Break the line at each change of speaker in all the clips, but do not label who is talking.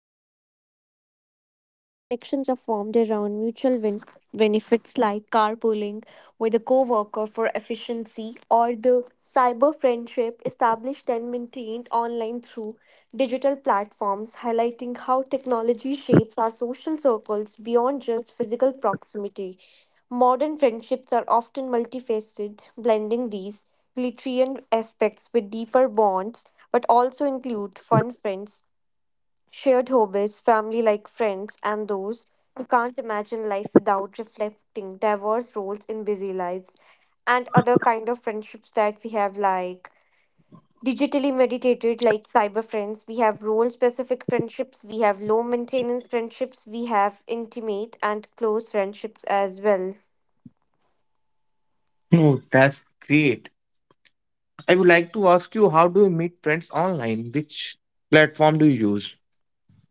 utility friendship, where connections are formed around mutual benefits like carpooling with a coworker for efficiency, or the cyber friendship established and maintained online through digital platforms, highlighting how technology shapes our social circles beyond just physical proximity. Modern friendships are often multifaceted, blending these glitterian aspects with deeper bonds, but also include fun friends, shared hobbies, family like friends, and those who can't imagine life without reflecting diverse roles in busy lives, and other kind of friendships that we have like digitally meditated like cyber friends, we have role specific friendships, we have low maintenance friendships, we have intimate and close friendships as well.
Oh, that's great. I would like to ask you, how do you meet friends online? Which platform do you use?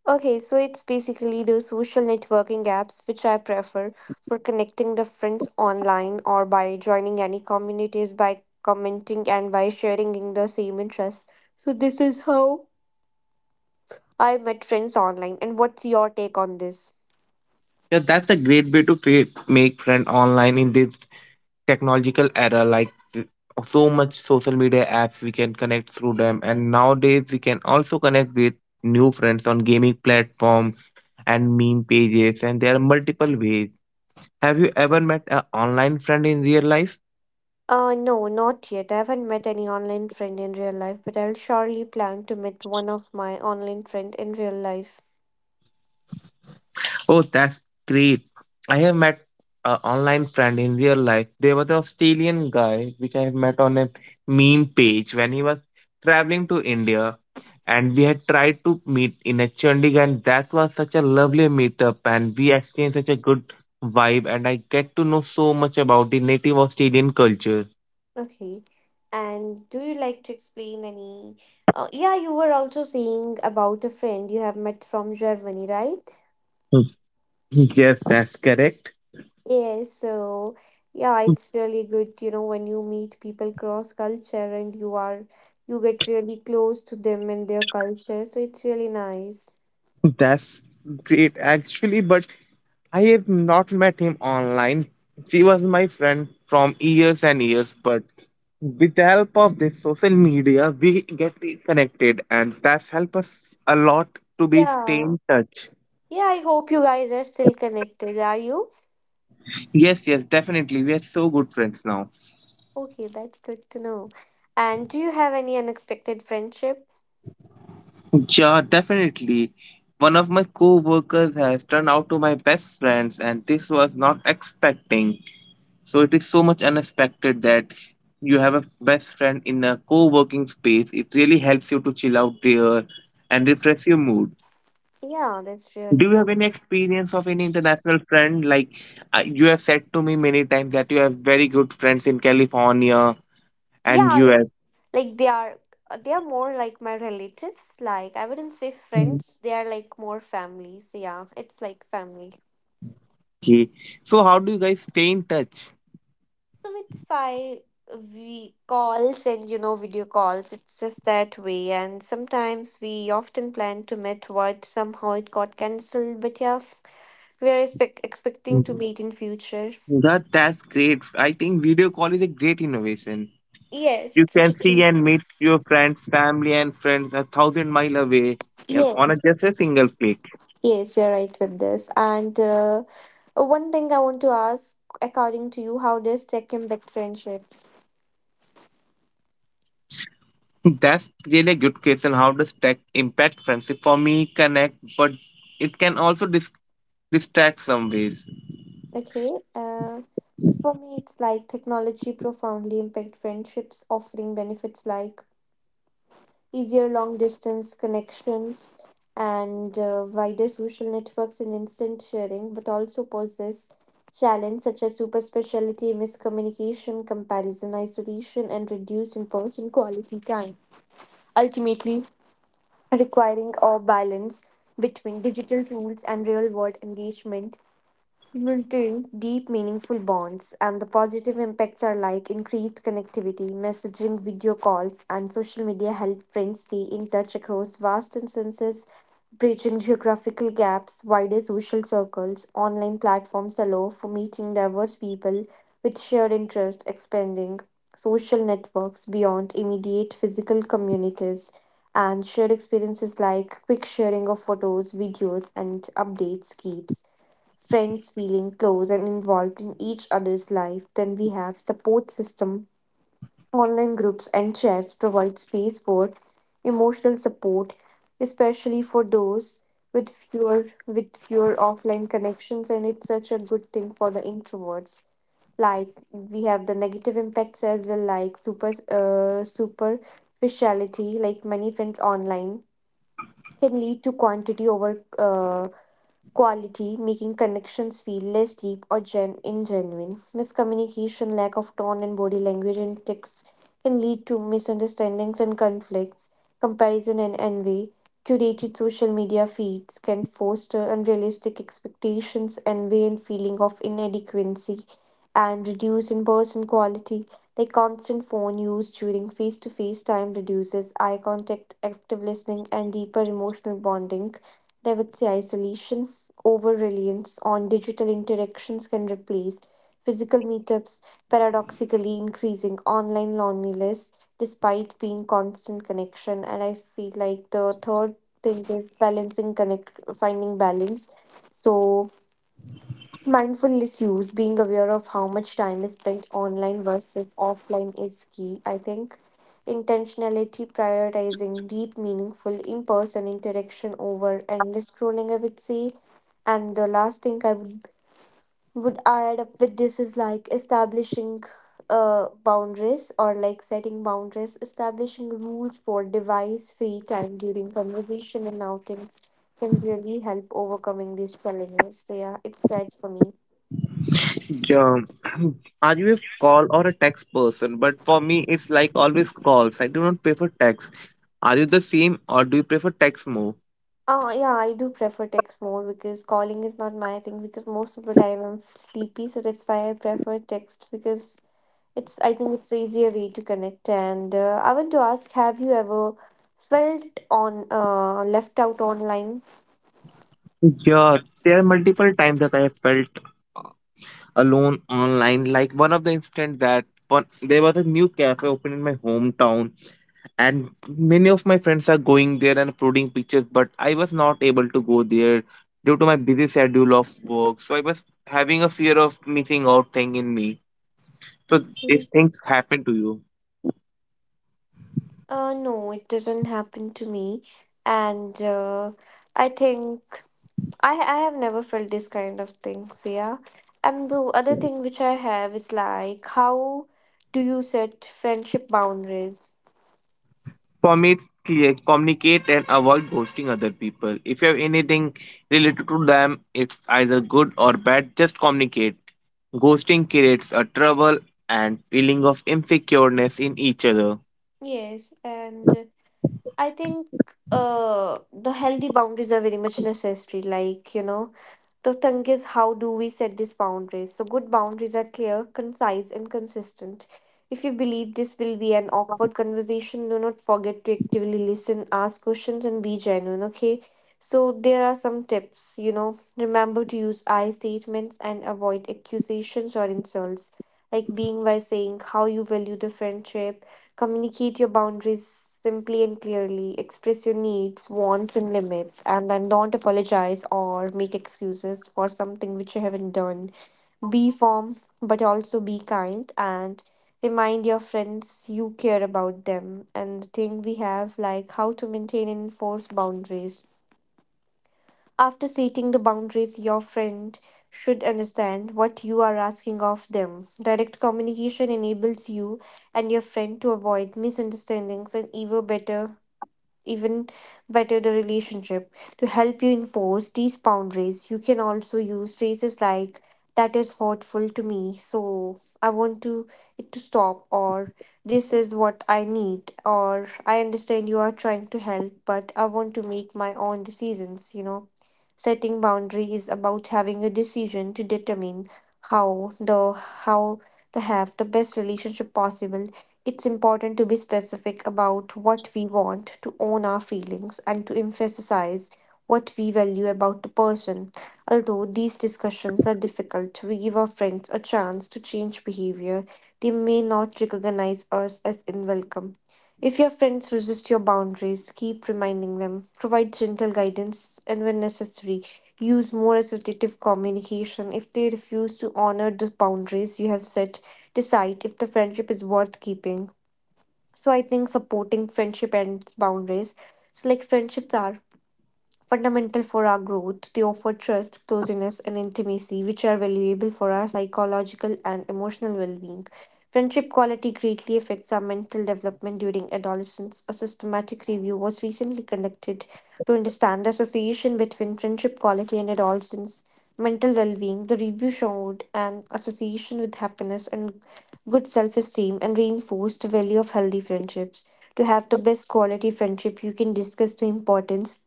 Okay, so it's basically the social networking apps which I prefer for connecting the friends online or by joining any communities, by commenting and by sharing in the same interests. So this is how I met friends online. And what's your take on this?
Yeah, that's a great way to make friend online in this technological era. Like so much social media apps, we can connect through them. And nowadays, we can also connect with new friends on gaming platform and meme pages, and there are multiple ways. Have you ever met an online friend in real life?
No, not yet. I haven't met any online friend in real life, but I'll surely plan to meet one of my online friend in real life.
Oh, that's great. I have met an online friend in real life. There was an Australian guy which I have met on a meme page when he was traveling to India. And we had tried to meet in a Chandigarh, and that was such a lovely meetup, and we exchanged such a good vibe. And I get to know so much about the native Australian culture.
Okay. And do you like to explain any? Yeah, you were also saying about a friend you have met from Germany, right?
Yes, that's correct.
Yes. So, yeah, it's really good, you know, when you meet people cross culture and you are, you get really close to them and their culture. So it's really nice.
That's great, actually, but I have not met him online. She was my friend from years and years, but with the help of this social media, we get connected, and that's helped us a lot to be stay
Yeah.
in touch.
Yeah, I hope you guys are still connected. Are you?
Yes, yes, definitely. We are so good friends now.
Okay, that's good to know. And do you have any unexpected friendship?
Yeah, definitely. One of my co-workers has turned out to my best friends, and this was not expecting. So it is so much unexpected that you have a best friend in a co-working space. It really helps you to chill out there and refresh your mood.
Yeah, that's really
Do you
nice.
have any experience of any international friend? Like you have said to me many times that you have very good friends in California and
Yeah, like
US.
like they are they are more like my relatives. Like I wouldn't say
Mm.
friends. They are like more families. Yeah, it's like family.
Okay. So how do you guys stay in touch?
So it's why we calls and you know video calls. It's just that way. And sometimes we often plan to meet, but somehow it got cancelled. But yeah, we are expecting to
Mhm.
meet in future.
That's great. I think video call is a great innovation.
Yes,
You
it's a
can see
tricky.
and meet your friends, family, and friends a thousand mile away and on a
Yes.
just a single click.
Yes, you're right with this. And one thing I want to ask, according to you, how does tech impact friendships?
That's really a good question. How does tech impact friendship? For me, connect, but it can also distract some ways.
Okay. So for me, it's like technology profoundly impact friendships, offering benefits like easier long distance connections and wider social networks and instant sharing, but also poses challenges such as super speciality, miscommunication, comparison, isolation, and reduced in-person quality time. Ultimately, requiring a balance between digital tools and real world engagement. Maintain deep, meaningful bonds, and the positive impacts are like increased connectivity, messaging, video calls, and social media help friends stay in touch across vast distances, bridging geographical gaps, wider social circles. Online platforms allow for meeting diverse people with shared interests, expanding social networks beyond immediate physical communities. And shared experiences like quick sharing of photos, videos, and updates keeps friends feeling close and involved in each other's life. Then we have support system. Online groups and chats provide space for emotional support, especially for those with fewer with fewer offline connections, and it's such a good thing for the introverts. Like, we have the negative impacts as well, like superficiality. Like many friends online can lead to quantity over quality, making connections feel less deep or ingenuine. Miscommunication, lack of tone and body language in text can lead to misunderstandings and conflicts, comparison and envy. Curated social media feeds can foster unrealistic expectations, envy, and feeling of inadequacy, and reduce in person quality. Like constant phone use during face to face time reduces eye contact, active listening, and deeper emotional bonding. And I would say isolation, over reliance on digital interactions can replace physical meetups, paradoxically increasing online loneliness despite being constant connection. And I feel like the third thing is balancing connect, finding balance. So mindfulness use, being aware of how much time is spent online versus offline is key. I think intentionality, prioritizing deep, meaningful in person interaction over endless scrolling, I would say. And the last thing would add up with this is like establishing boundaries, or like setting boundaries, establishing rules for device free time during conversation and outings can really help overcoming these challenges. So, yeah, it's that for me.
Yeah. Are you a call or a text person? But for me, it's like always calls. I do not prefer text. Are you the same or do you prefer text more?
Yeah, I do prefer text more because calling is not my thing because most of the time I'm sleepy, so that's why I prefer text because it's I think it's the easier way to connect. And I want to ask, have you ever felt on left out online?
Yeah, there are multiple times that I have felt alone online. Like one of the instant that one, there was a new cafe opened in my hometown, and many of my friends are going there and uploading pictures. But I was not able to go there due to my busy schedule of work. So I was having a fear of missing out thing in me. So these
Actually,
things happen to you.
No, it doesn't happen to me, and I think. I have never felt this kind of things, yeah. And the other thing which I have is like, how do you set friendship boundaries?
For me, clear, communicate and avoid ghosting other people. If you have anything related to them, it's either good or bad, just communicate. Ghosting creates a trouble and feeling of insecureness in each other.
Yes, and I think the healthy boundaries are very much necessary. Like, you know, the thing is, how do we set these boundaries? So, good boundaries are clear, concise, and consistent. If you believe this will be an awkward conversation, do not forget to actively listen, ask questions, and be genuine, okay? So, there are some tips, you know. Remember to use I statements and avoid accusations or insults, like being by saying how you value the friendship. Communicate your boundaries simply and clearly. Express your needs, wants, and limits, and then don't apologize or make excuses for something which you haven't done. Be firm, but also be kind and remind your friends you care about them. And the thing we have like how to maintain and enforce boundaries after setting the boundaries, your friend should understand what you are asking of them. Direct communication enables you and your friend to avoid misunderstandings and, even better the relationship. To help you enforce these boundaries, you can also use phrases like that is hurtful to me, so I want to it to stop, or this is what I need, or I understand you are trying to help but I want to make my own decisions, you know. Setting boundary is about having a decision to determine how to have the best relationship possible. It's important to be specific about what we want, to own our feelings, and to emphasize what we value about the person. Although these discussions are difficult, we give our friends a chance to change behavior they may not recognize us as unwelcome. If your friends resist your boundaries, keep reminding them, provide gentle guidance, and when necessary, use more assertive communication. If they refuse to honor the boundaries you have set, decide if the friendship is worth keeping. So I think supporting friendship and boundaries. So like friendships are fundamental for our growth. They offer trust, closeness, and intimacy, which are valuable for our psychological and emotional well being. Friendship quality greatly affects our mental development during adolescence. A systematic review was recently conducted to understand the association between friendship quality and adolescence mental well being. The review showed an association with happiness and good self esteem and reinforced the value of healthy friendships. To have the best quality friendship, you can discuss the importance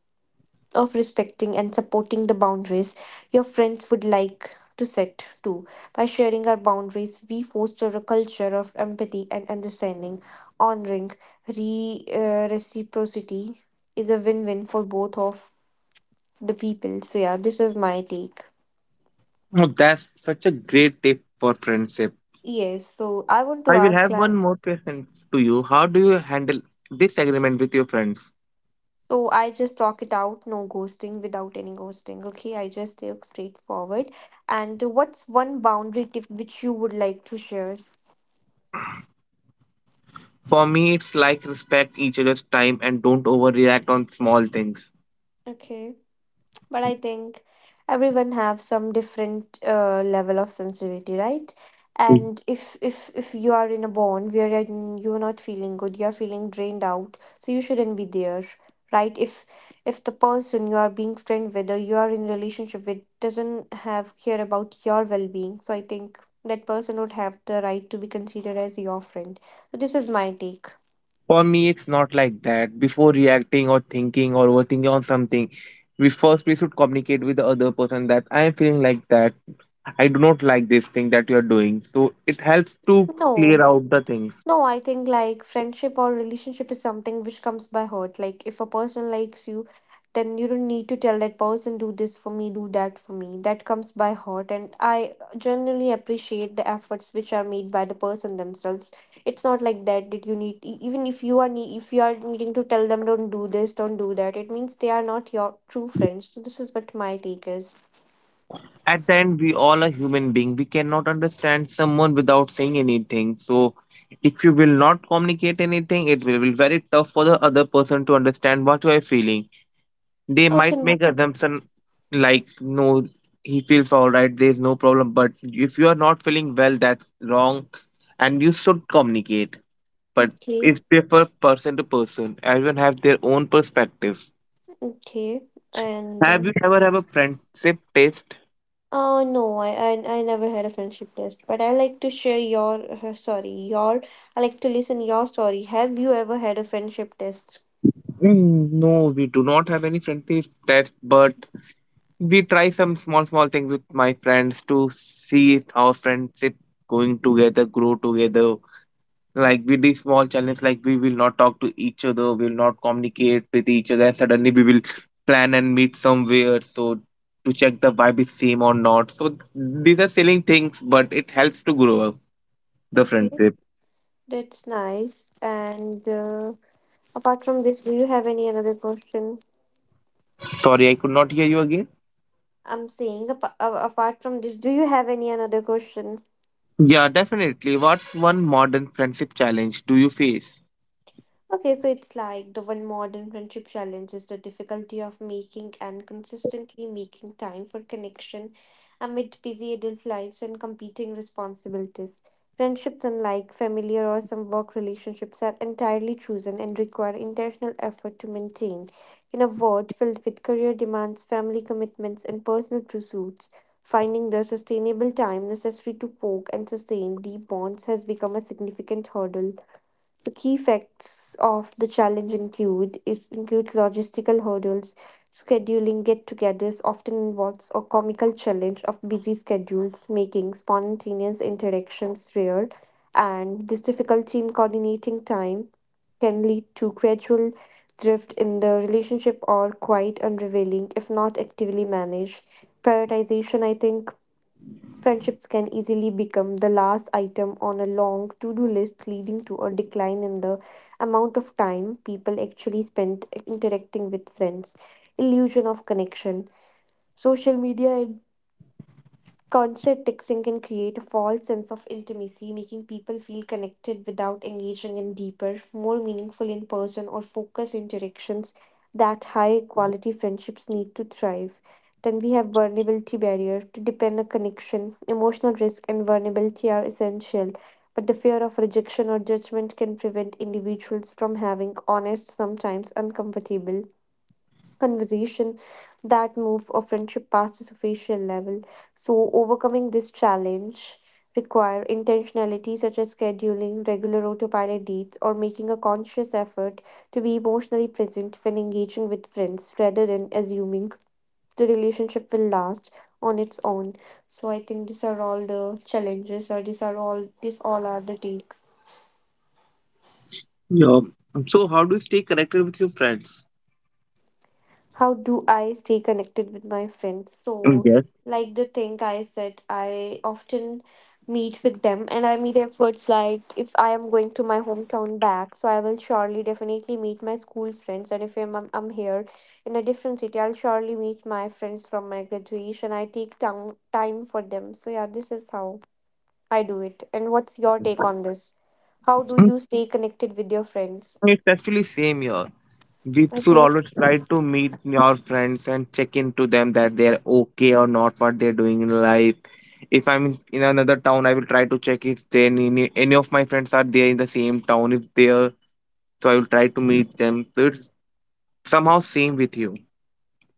of respecting and supporting the boundaries your friends would like to set too. By sharing our boundaries, we foster a culture of empathy and understanding. Honoring reciprocity is a win win for both of the people. So, yeah, this is my take.
Oh, that's such a great tip for friendship.
Yes, so I want to
I will
ask
have one
like,
more question to you. How do you handle disagreement with your friends?
so I just talk it out, no ghosting, without any ghosting. Okay, I just talk straightforward. And what's one boundary tip which you would like to share?
For me, it's like respect each other's time and don't overreact on small things.
Okay. But I think everyone have some different level of sensitivity, right? And if you are in a bond wherein you are not feeling good, you are feeling drained out, so you shouldn't be there, right? If the person you are being friend with or you are in relationship with doesn't have care about your well being, so I think that person would have the right to be considered as your friend. So this is my take.
For me, it's not like that. Before reacting or thinking or overthinking on something, we, first, we should communicate with the other person that I am feeling like that. I do not like this thing that you are doing. So it helps to clear
No,
out the things.
no, I think like friendship or relationship is something which comes by heart. Like if a person likes you, then you don't need to tell that person do this for me, do that for me. That comes by heart and I generally appreciate the efforts which are made by the person themselves. It's not like that you need even if you are if you are needing to tell them don't do this, don't do that. It means they are not your true friends. So this is what my take is.
At the end, we all are human being. We cannot understand someone without saying anything. So if you will not communicate anything, it will be very tough for the other person to understand what you are feeling. They might make
Okay.
assumption like, no, he feels all right, there's no problem. But if you are not feeling well, that's wrong and you should communicate. But
Okay.
it's different person to person, everyone has their own perspective.
Okay. And
Have you ever have a friendship test?
No, I never had a friendship test, but I like to share your sorry, your. I like to listen your story. Have you ever had a friendship test?
Mm, no, we do not have any friendship test, but we try some small small things with my friends to see if our friendship going together grow together. Like we did small challenge, like we will not talk to each other, we'll not communicate with each other, and suddenly we will plan and meet somewhere, so to check the vibe is same or not. So these are selling things, but it helps to grow up the
Okay,
friendship.
that's nice. And Apart from this, do you have any another question?
Sorry, I could not hear you again.
I'm saying apart from this, do you have any another question?
Yeah, definitely. What's one modern friendship challenge do you face?
Okay, so it's like the one modern friendship challenge is the difficulty of making and consistently making time for connection amid busy adult lives and competing responsibilities. Friendships, unlike familiar or some work relationships, are entirely chosen and require intentional effort to maintain. In a world filled with career demands, family commitments, and personal pursuits, finding the sustainable time necessary to forge and sustain deep bonds has become a significant hurdle. The key facts of the challenge includes logistical hurdles, scheduling get-togethers often involves a comical challenge of busy schedules, making spontaneous interactions rare, and this difficulty in coordinating time can lead to gradual drift in the relationship or quite unrevealing if not actively managed. Prioritization, I think, friendships can easily become the last item on a long to do list, leading to a decline in the amount of time people actually spend interacting with friends. Illusion of connection. Social media concert texting can create a false sense of intimacy, making people feel connected without engaging in deeper, more meaningful in person or focused interactions that high quality friendships need to thrive. Then we have vulnerability barrier to depend on connection. Emotional risk and vulnerability are essential, but the fear of rejection or judgment can prevent individuals from having honest, sometimes uncomfortable conversation that move a friendship past the superficial level. So overcoming this challenge require intentionality such as scheduling regular autopilot dates or making a conscious effort to be emotionally present when engaging with friends rather than assuming the relationship will last on its own. So I think these are all the challenges or these all are the takes.
Yeah, so how do you stay connected with your friends?
How do I stay connected with my friends? So,
Yes.
like the thing I said, I often meet with them and I meet efforts like if I am going to my hometown back, so I will surely definitely meet my school friends. And if I'm I'm here in a different city, I'll surely meet my friends from my graduation. I take time for them. So, yeah, this is how I do it. And what's your take on this? How do you stay connected with your friends?
Mm, it's actually same here. We should
Okay.
always try to meet your friends and check in to them that they're okay or not, what they're doing in life. If I'm in another town, I will try to check if they any of my friends are there in the same town. If they're so, I will try to meet them. So it's somehow same with you.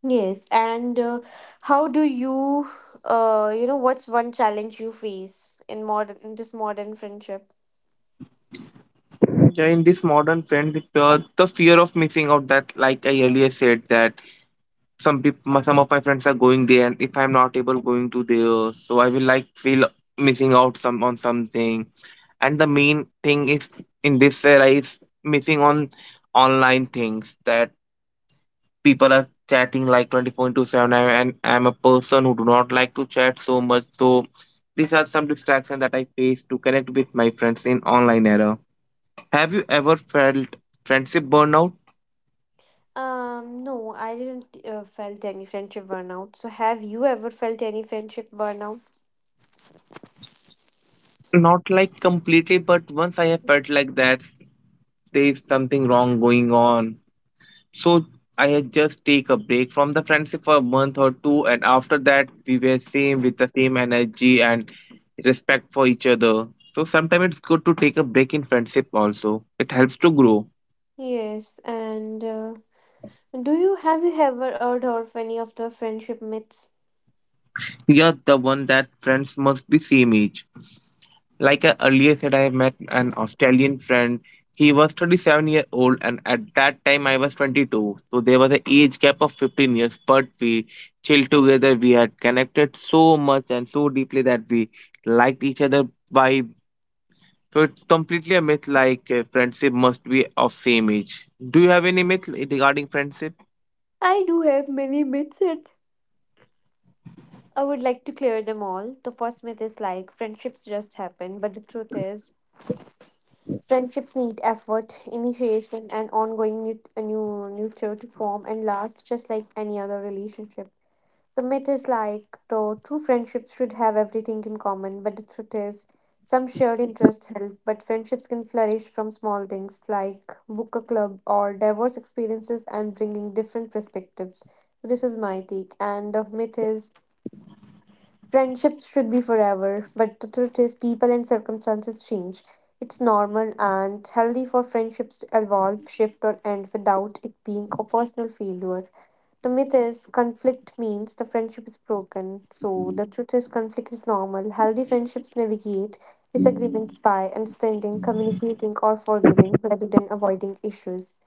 Yes, and how do you, you know, what's one challenge you face in this modern friendship?
Yeah, in this modern friendship, the fear of missing out that, like I earlier said, that some people, some of my friends are going there, and if I'm not able going to there, so I will like feel missing out some on something. And the main thing is in this era is missing on online things that people are chatting like 24 into 7 and I'm a person who do not like to chat so much, so these are some distractions that I face to connect with my friends in online era. Have you ever felt friendship burnout?
No, I didn't felt any friendship burnout. So, have you ever felt any friendship burnout?
Not like completely, but once I have felt like that there is something wrong going on. So I had just take a break from the friendship for a month or two, and after that we were same with the same energy and respect for each other. So sometimes it's good to take a break in friendship also. It helps to grow.
Yes, and do you have you ever heard of any of the friendship myths?
You're the one that friends must be same age. Like I earlier said, I have met an Australian friend. He was 37-year-old, and at that time I was 22. So there was an age gap of 15 years, but we chilled together. We had connected so much and so deeply that we liked each other vibe. So it's completely a myth like friendship must be of same age. Do you have any myth regarding friendship?
I do have many myths, and I would like to clear them all. The first myth is like friendships just happen, but the truth is friendships need effort, initiation, and ongoing nurture to form and last, just like any other relationship. The myth is like, though, true friendships should have everything in common, but the truth is, some shared interests help, but friendships can flourish from small things like book a club or diverse experiences and bringing different perspectives. This is my take, and the myth is friendships should be forever, but the truth is, people and circumstances change. It's normal and healthy for friendships to evolve, shift, or end without it being a personal failure. The myth is conflict means the friendship is broken. So the truth is conflict is normal. Healthy friendships navigate disagreements by understanding, communicating, or forgiving rather than avoiding issues.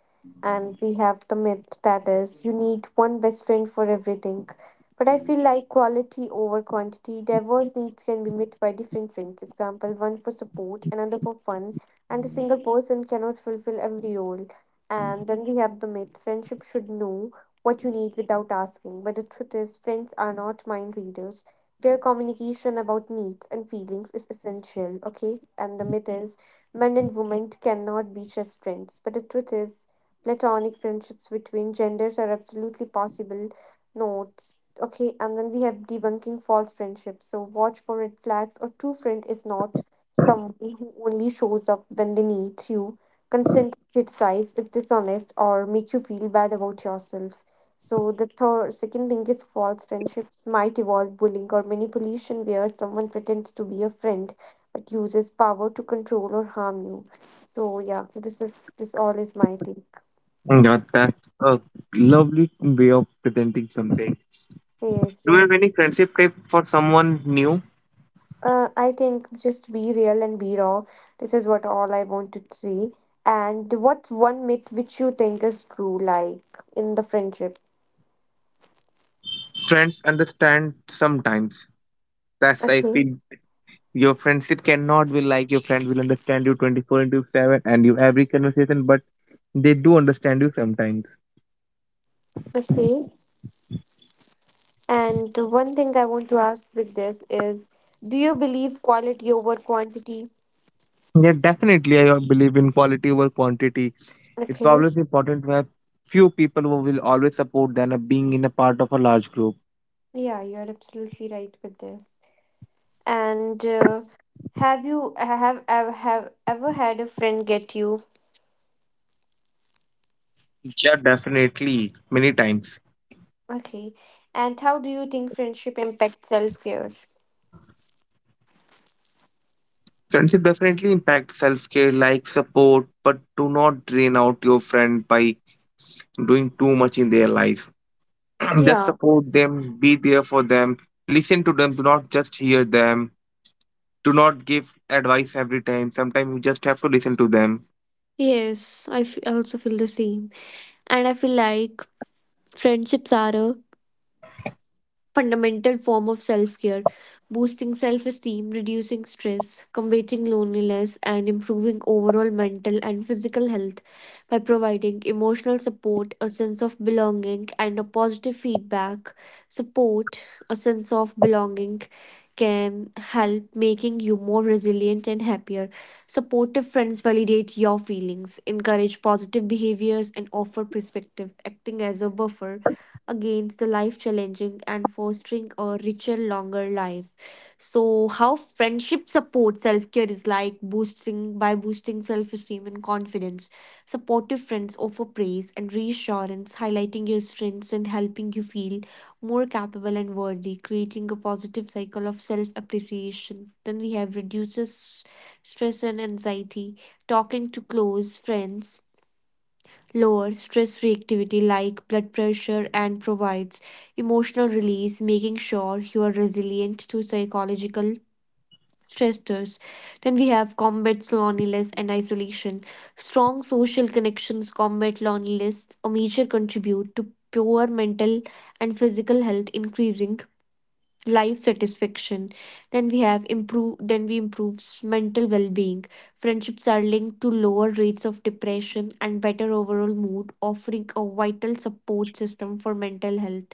And we have the myth that is you need one best friend for everything. But I feel like quality over quantity. Diverse needs can be met by different friends. Example, one for support, another for fun, and a single person cannot fulfill every role. And then we have the myth friendship should know what you need without asking. But the truth is, friends are not mind readers. Clear communication about needs and feelings is essential, okay? And the myth is men and women cannot be just friends. But the truth is, platonic friendships between genders are absolutely possible. Notes, okay? And then we have debunking false friendships. So watch for red flags. A true friend is not someone who only shows up when they need you, consent to criticize is dishonest or make you feel bad about yourself. So the second link is false friendships might involve bullying or manipulation, where someone pretends to be a friend but uses power to control or harm you. So yeah, this all is my take.
Yeah, that's a lovely way of presenting something.
Yes,
Do you have any friendship tip for someone new?
I think just be real and be raw. This is what all I want to say. And what's one myth which you think is true, like in the friendship?
Friends understand sometimes. That's I
Okay,
feel your friendship cannot be like your friend will understand you 24 into 7 and you every conversation, but they do understand you sometimes.
okay. And one thing I want to ask with this is, do you believe quality over quantity?
Yeah, definitely. I believe in quality over quantity. It's
Okay.
always important to have few people who will always support than a being in a part of a large group.
Yeah, you're absolutely right with this. And have you have ever had a friend get you?
Yeah, definitely. Many times.
Okay. And how do you think friendship impacts self-care?
Friendship definitely impacts self care like support, but do not drain out your friend by doing too much in their life. Just
Yeah.
support them, be there for them, listen to them, do not just hear them, do not give advice every time. Sometimes you just have to listen to them.
Yes, also feel the same. And I feel like friendships are a fundamental form of self care, boosting self esteem, reducing stress, combating loneliness, and improving overall mental and physical health by providing emotional support, a sense of belonging, and a positive feedback. Support, a sense of belonging, can help making you more resilient and happier. Supportive friends validate your feelings, encourage positive behaviors, and offer perspective, acting as a buffer against the life challenging and fostering a richer, longer life. So, how friendship supports self care is like boosting self esteem and confidence. Supportive friends offer praise and reassurance, highlighting your strengths and helping you feel more capable and worthy, creating a positive cycle of self appreciation. Then we have reduces stress and anxiety. Talking to close friends lower stress reactivity like blood pressure and provides emotional release, making sure you are resilient to psychological stressors. Then we have combats loneliness and isolation. Strong social connections combat loneliness, a major contribute to poor mental and physical health, increasing life satisfaction. Then we have improve then we improves mental well-being. Friendships are linked to lower rates of depression and better overall mood, offering a vital support system for mental health.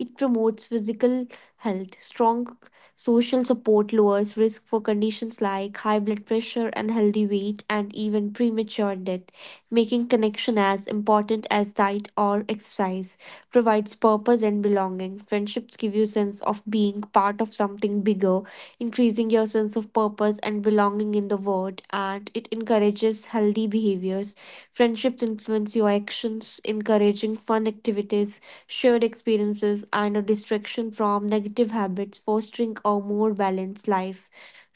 It promotes physical health. Strong social support lowers risk for conditions like high blood pressure, unhealthy weight, and even premature death, making connection as important as diet or exercise. Provides purpose and belonging, that friendships give you a sense of being part of something bigger, increasing your sense of purpose and belonging in the world, and it encourages healthy behaviors. Friendships influence your actions, encouraging fun activities, shared experiences, and a distraction from negative habits, fostering a more balanced life.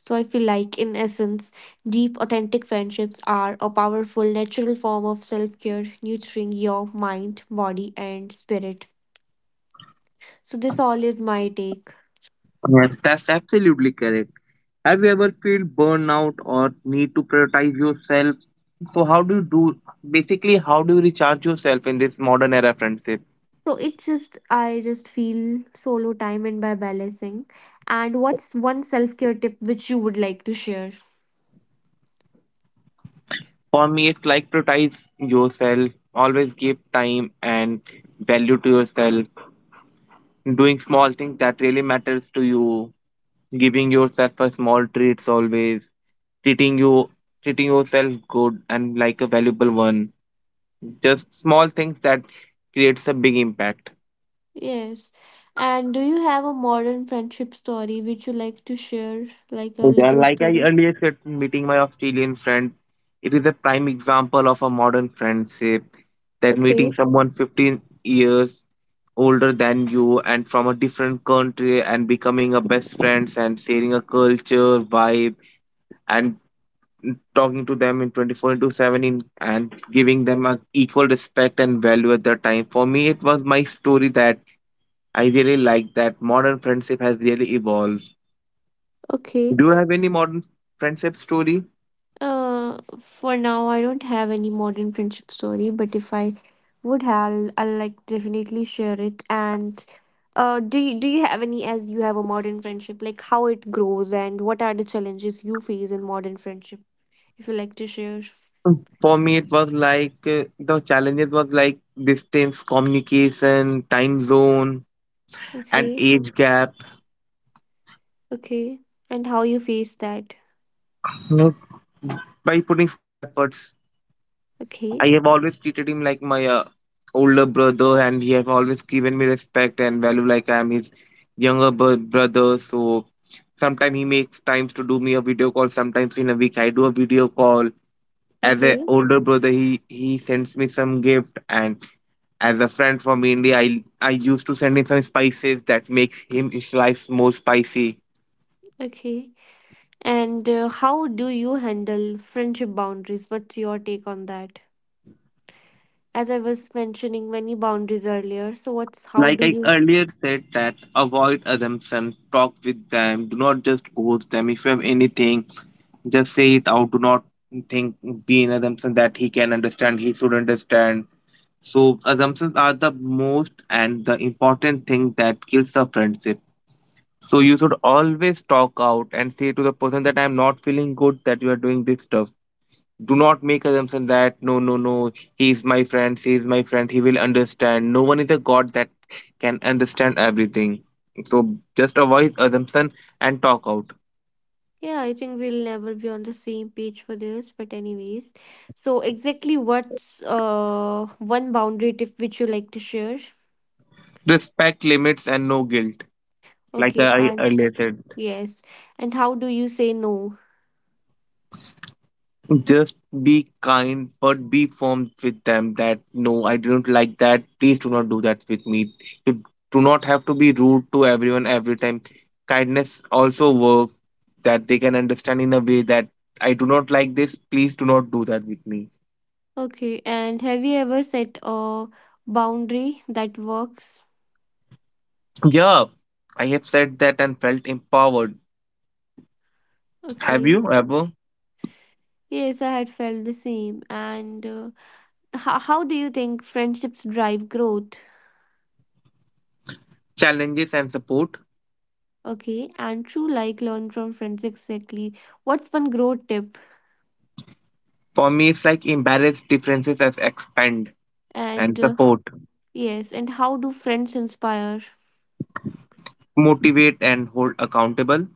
So, I feel like, in essence, deep, authentic friendships are a powerful, natural form of self care, nurturing your mind, body, and spirit. So this all is my take.
Yes, that's absolutely correct. Have you ever felt burnout or need to prioritize yourself? So how do you do, basically, how do you recharge yourself in this modern era friendship?
So it's just I just feel solo time and by balancing. And what's one self-care tip which you would like to share?
For me, it's like prioritize yourself, always give time and value to yourself, doing small things that really matters to you, giving yourself a small treats, always treating you, treating yourself good and like a valuable one, just small things that creates a big impact.
Yes. And do you have a modern friendship story which you like to share? Like a
Yeah,
little
like I
story?
earlier said, meeting my Australian friend, it is a prime example of a modern friendship, that meeting
Okay.
someone 15 years older than you and from a different country and becoming a best friends and sharing a culture vibe and talking to them in 24 into 7 in, and giving them an equal respect and value at their time. For me, it was my story that I really like that modern friendship has really evolved.
Okay.
Do you have any modern friendship story?
For now, I don't have any modern friendship story, but if I would have, I'll, like definitely share it. And do you have any as you have a modern friendship, like how it grows and what are the challenges you face in modern friendship? If you like to share.
Mm. For me, it was like the challenges was like distance, communication, time zone, and
Okay,
age gap.
okay. And how you face that?
You know, by putting small efforts
Okay,
I have always treated him like my older brother, and he have always given me respect and value like I am his younger brother. So sometimes he makes times to do me a video call. Sometimes in a week I do a video call. As a
okay,
older brother, he sends me some gift, and as a friend from India, I used to send him some spices that makes him his life more spicy.
okay. And how do you handle friendship boundaries? What's your take on that? As I was mentioning many boundaries earlier. So what's how
Like
do
I
you?
earlier said, that avoid assumption, talk with them, do not just ghost them. If you have anything, just say it out. Do not think, be in assumption that he can understand, he should understand. So, assumptions are the most and the important thing that kills a friendship. So, you should always talk out and say to the person that I'm not feeling good that you are doing this stuff. Do not make assumption that, no, no, no, he's my friend, she's my friend, he will understand. No one is a god that can understand everything. So just avoid assumption and talk out.
Yeah, I think we'll never be on the same page for this, but anyways. So exactly what's one boundary tip which you like to share?
Respect limits and no guilt, like
Okay,
I
and
earlier said.
yes. And how do you say no?
Just be kind, but be firm with them that no, I didn't like that. Please do not do that with me. You do not have to be rude to everyone every time. Kindness also work that they can understand in a way that I do not like this. Please do not do that with me.
Okay, and have you ever set a boundary that works?
Yeah, I have said that and felt empowered. Have
Okay.
you ever?
Yes, I had felt the same. And how do you think friendships drive growth?
Challenges and support.
Okay, and true like learn from friends exactly. What's one growth tip?
For me, it's like embarrass differences as expand and
And
support,
yes, and how do friends inspire?
motivate and hold accountable.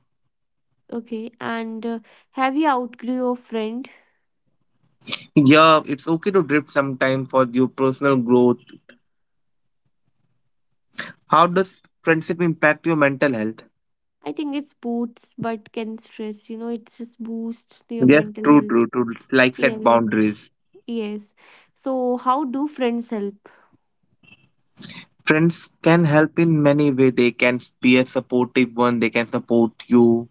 Okay, and have you outgrew your friend?
Yeah, it's okay to drift sometime for your personal growth. How does friendship impact your mental health?
I think it's boosts but can stress. It just boosts your
Yes,
mental
true,
health.
true, true. Like
Yeah,
set boundaries.
yes. So, how do friends help?
Friends can help in many way. They can be a supportive one. They can support you.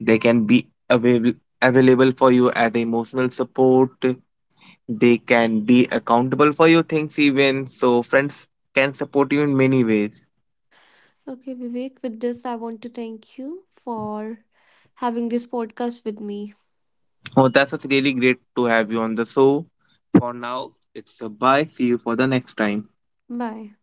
They can be available for you as emotional support. They can be accountable for your things even. So friends can support you in many ways.
Okay, Vivek, with this, I want to thank you for having this podcast with me.
Oh, that's what's really great to have you on the show. For now, it's a bye. See you for the next time.
Bye.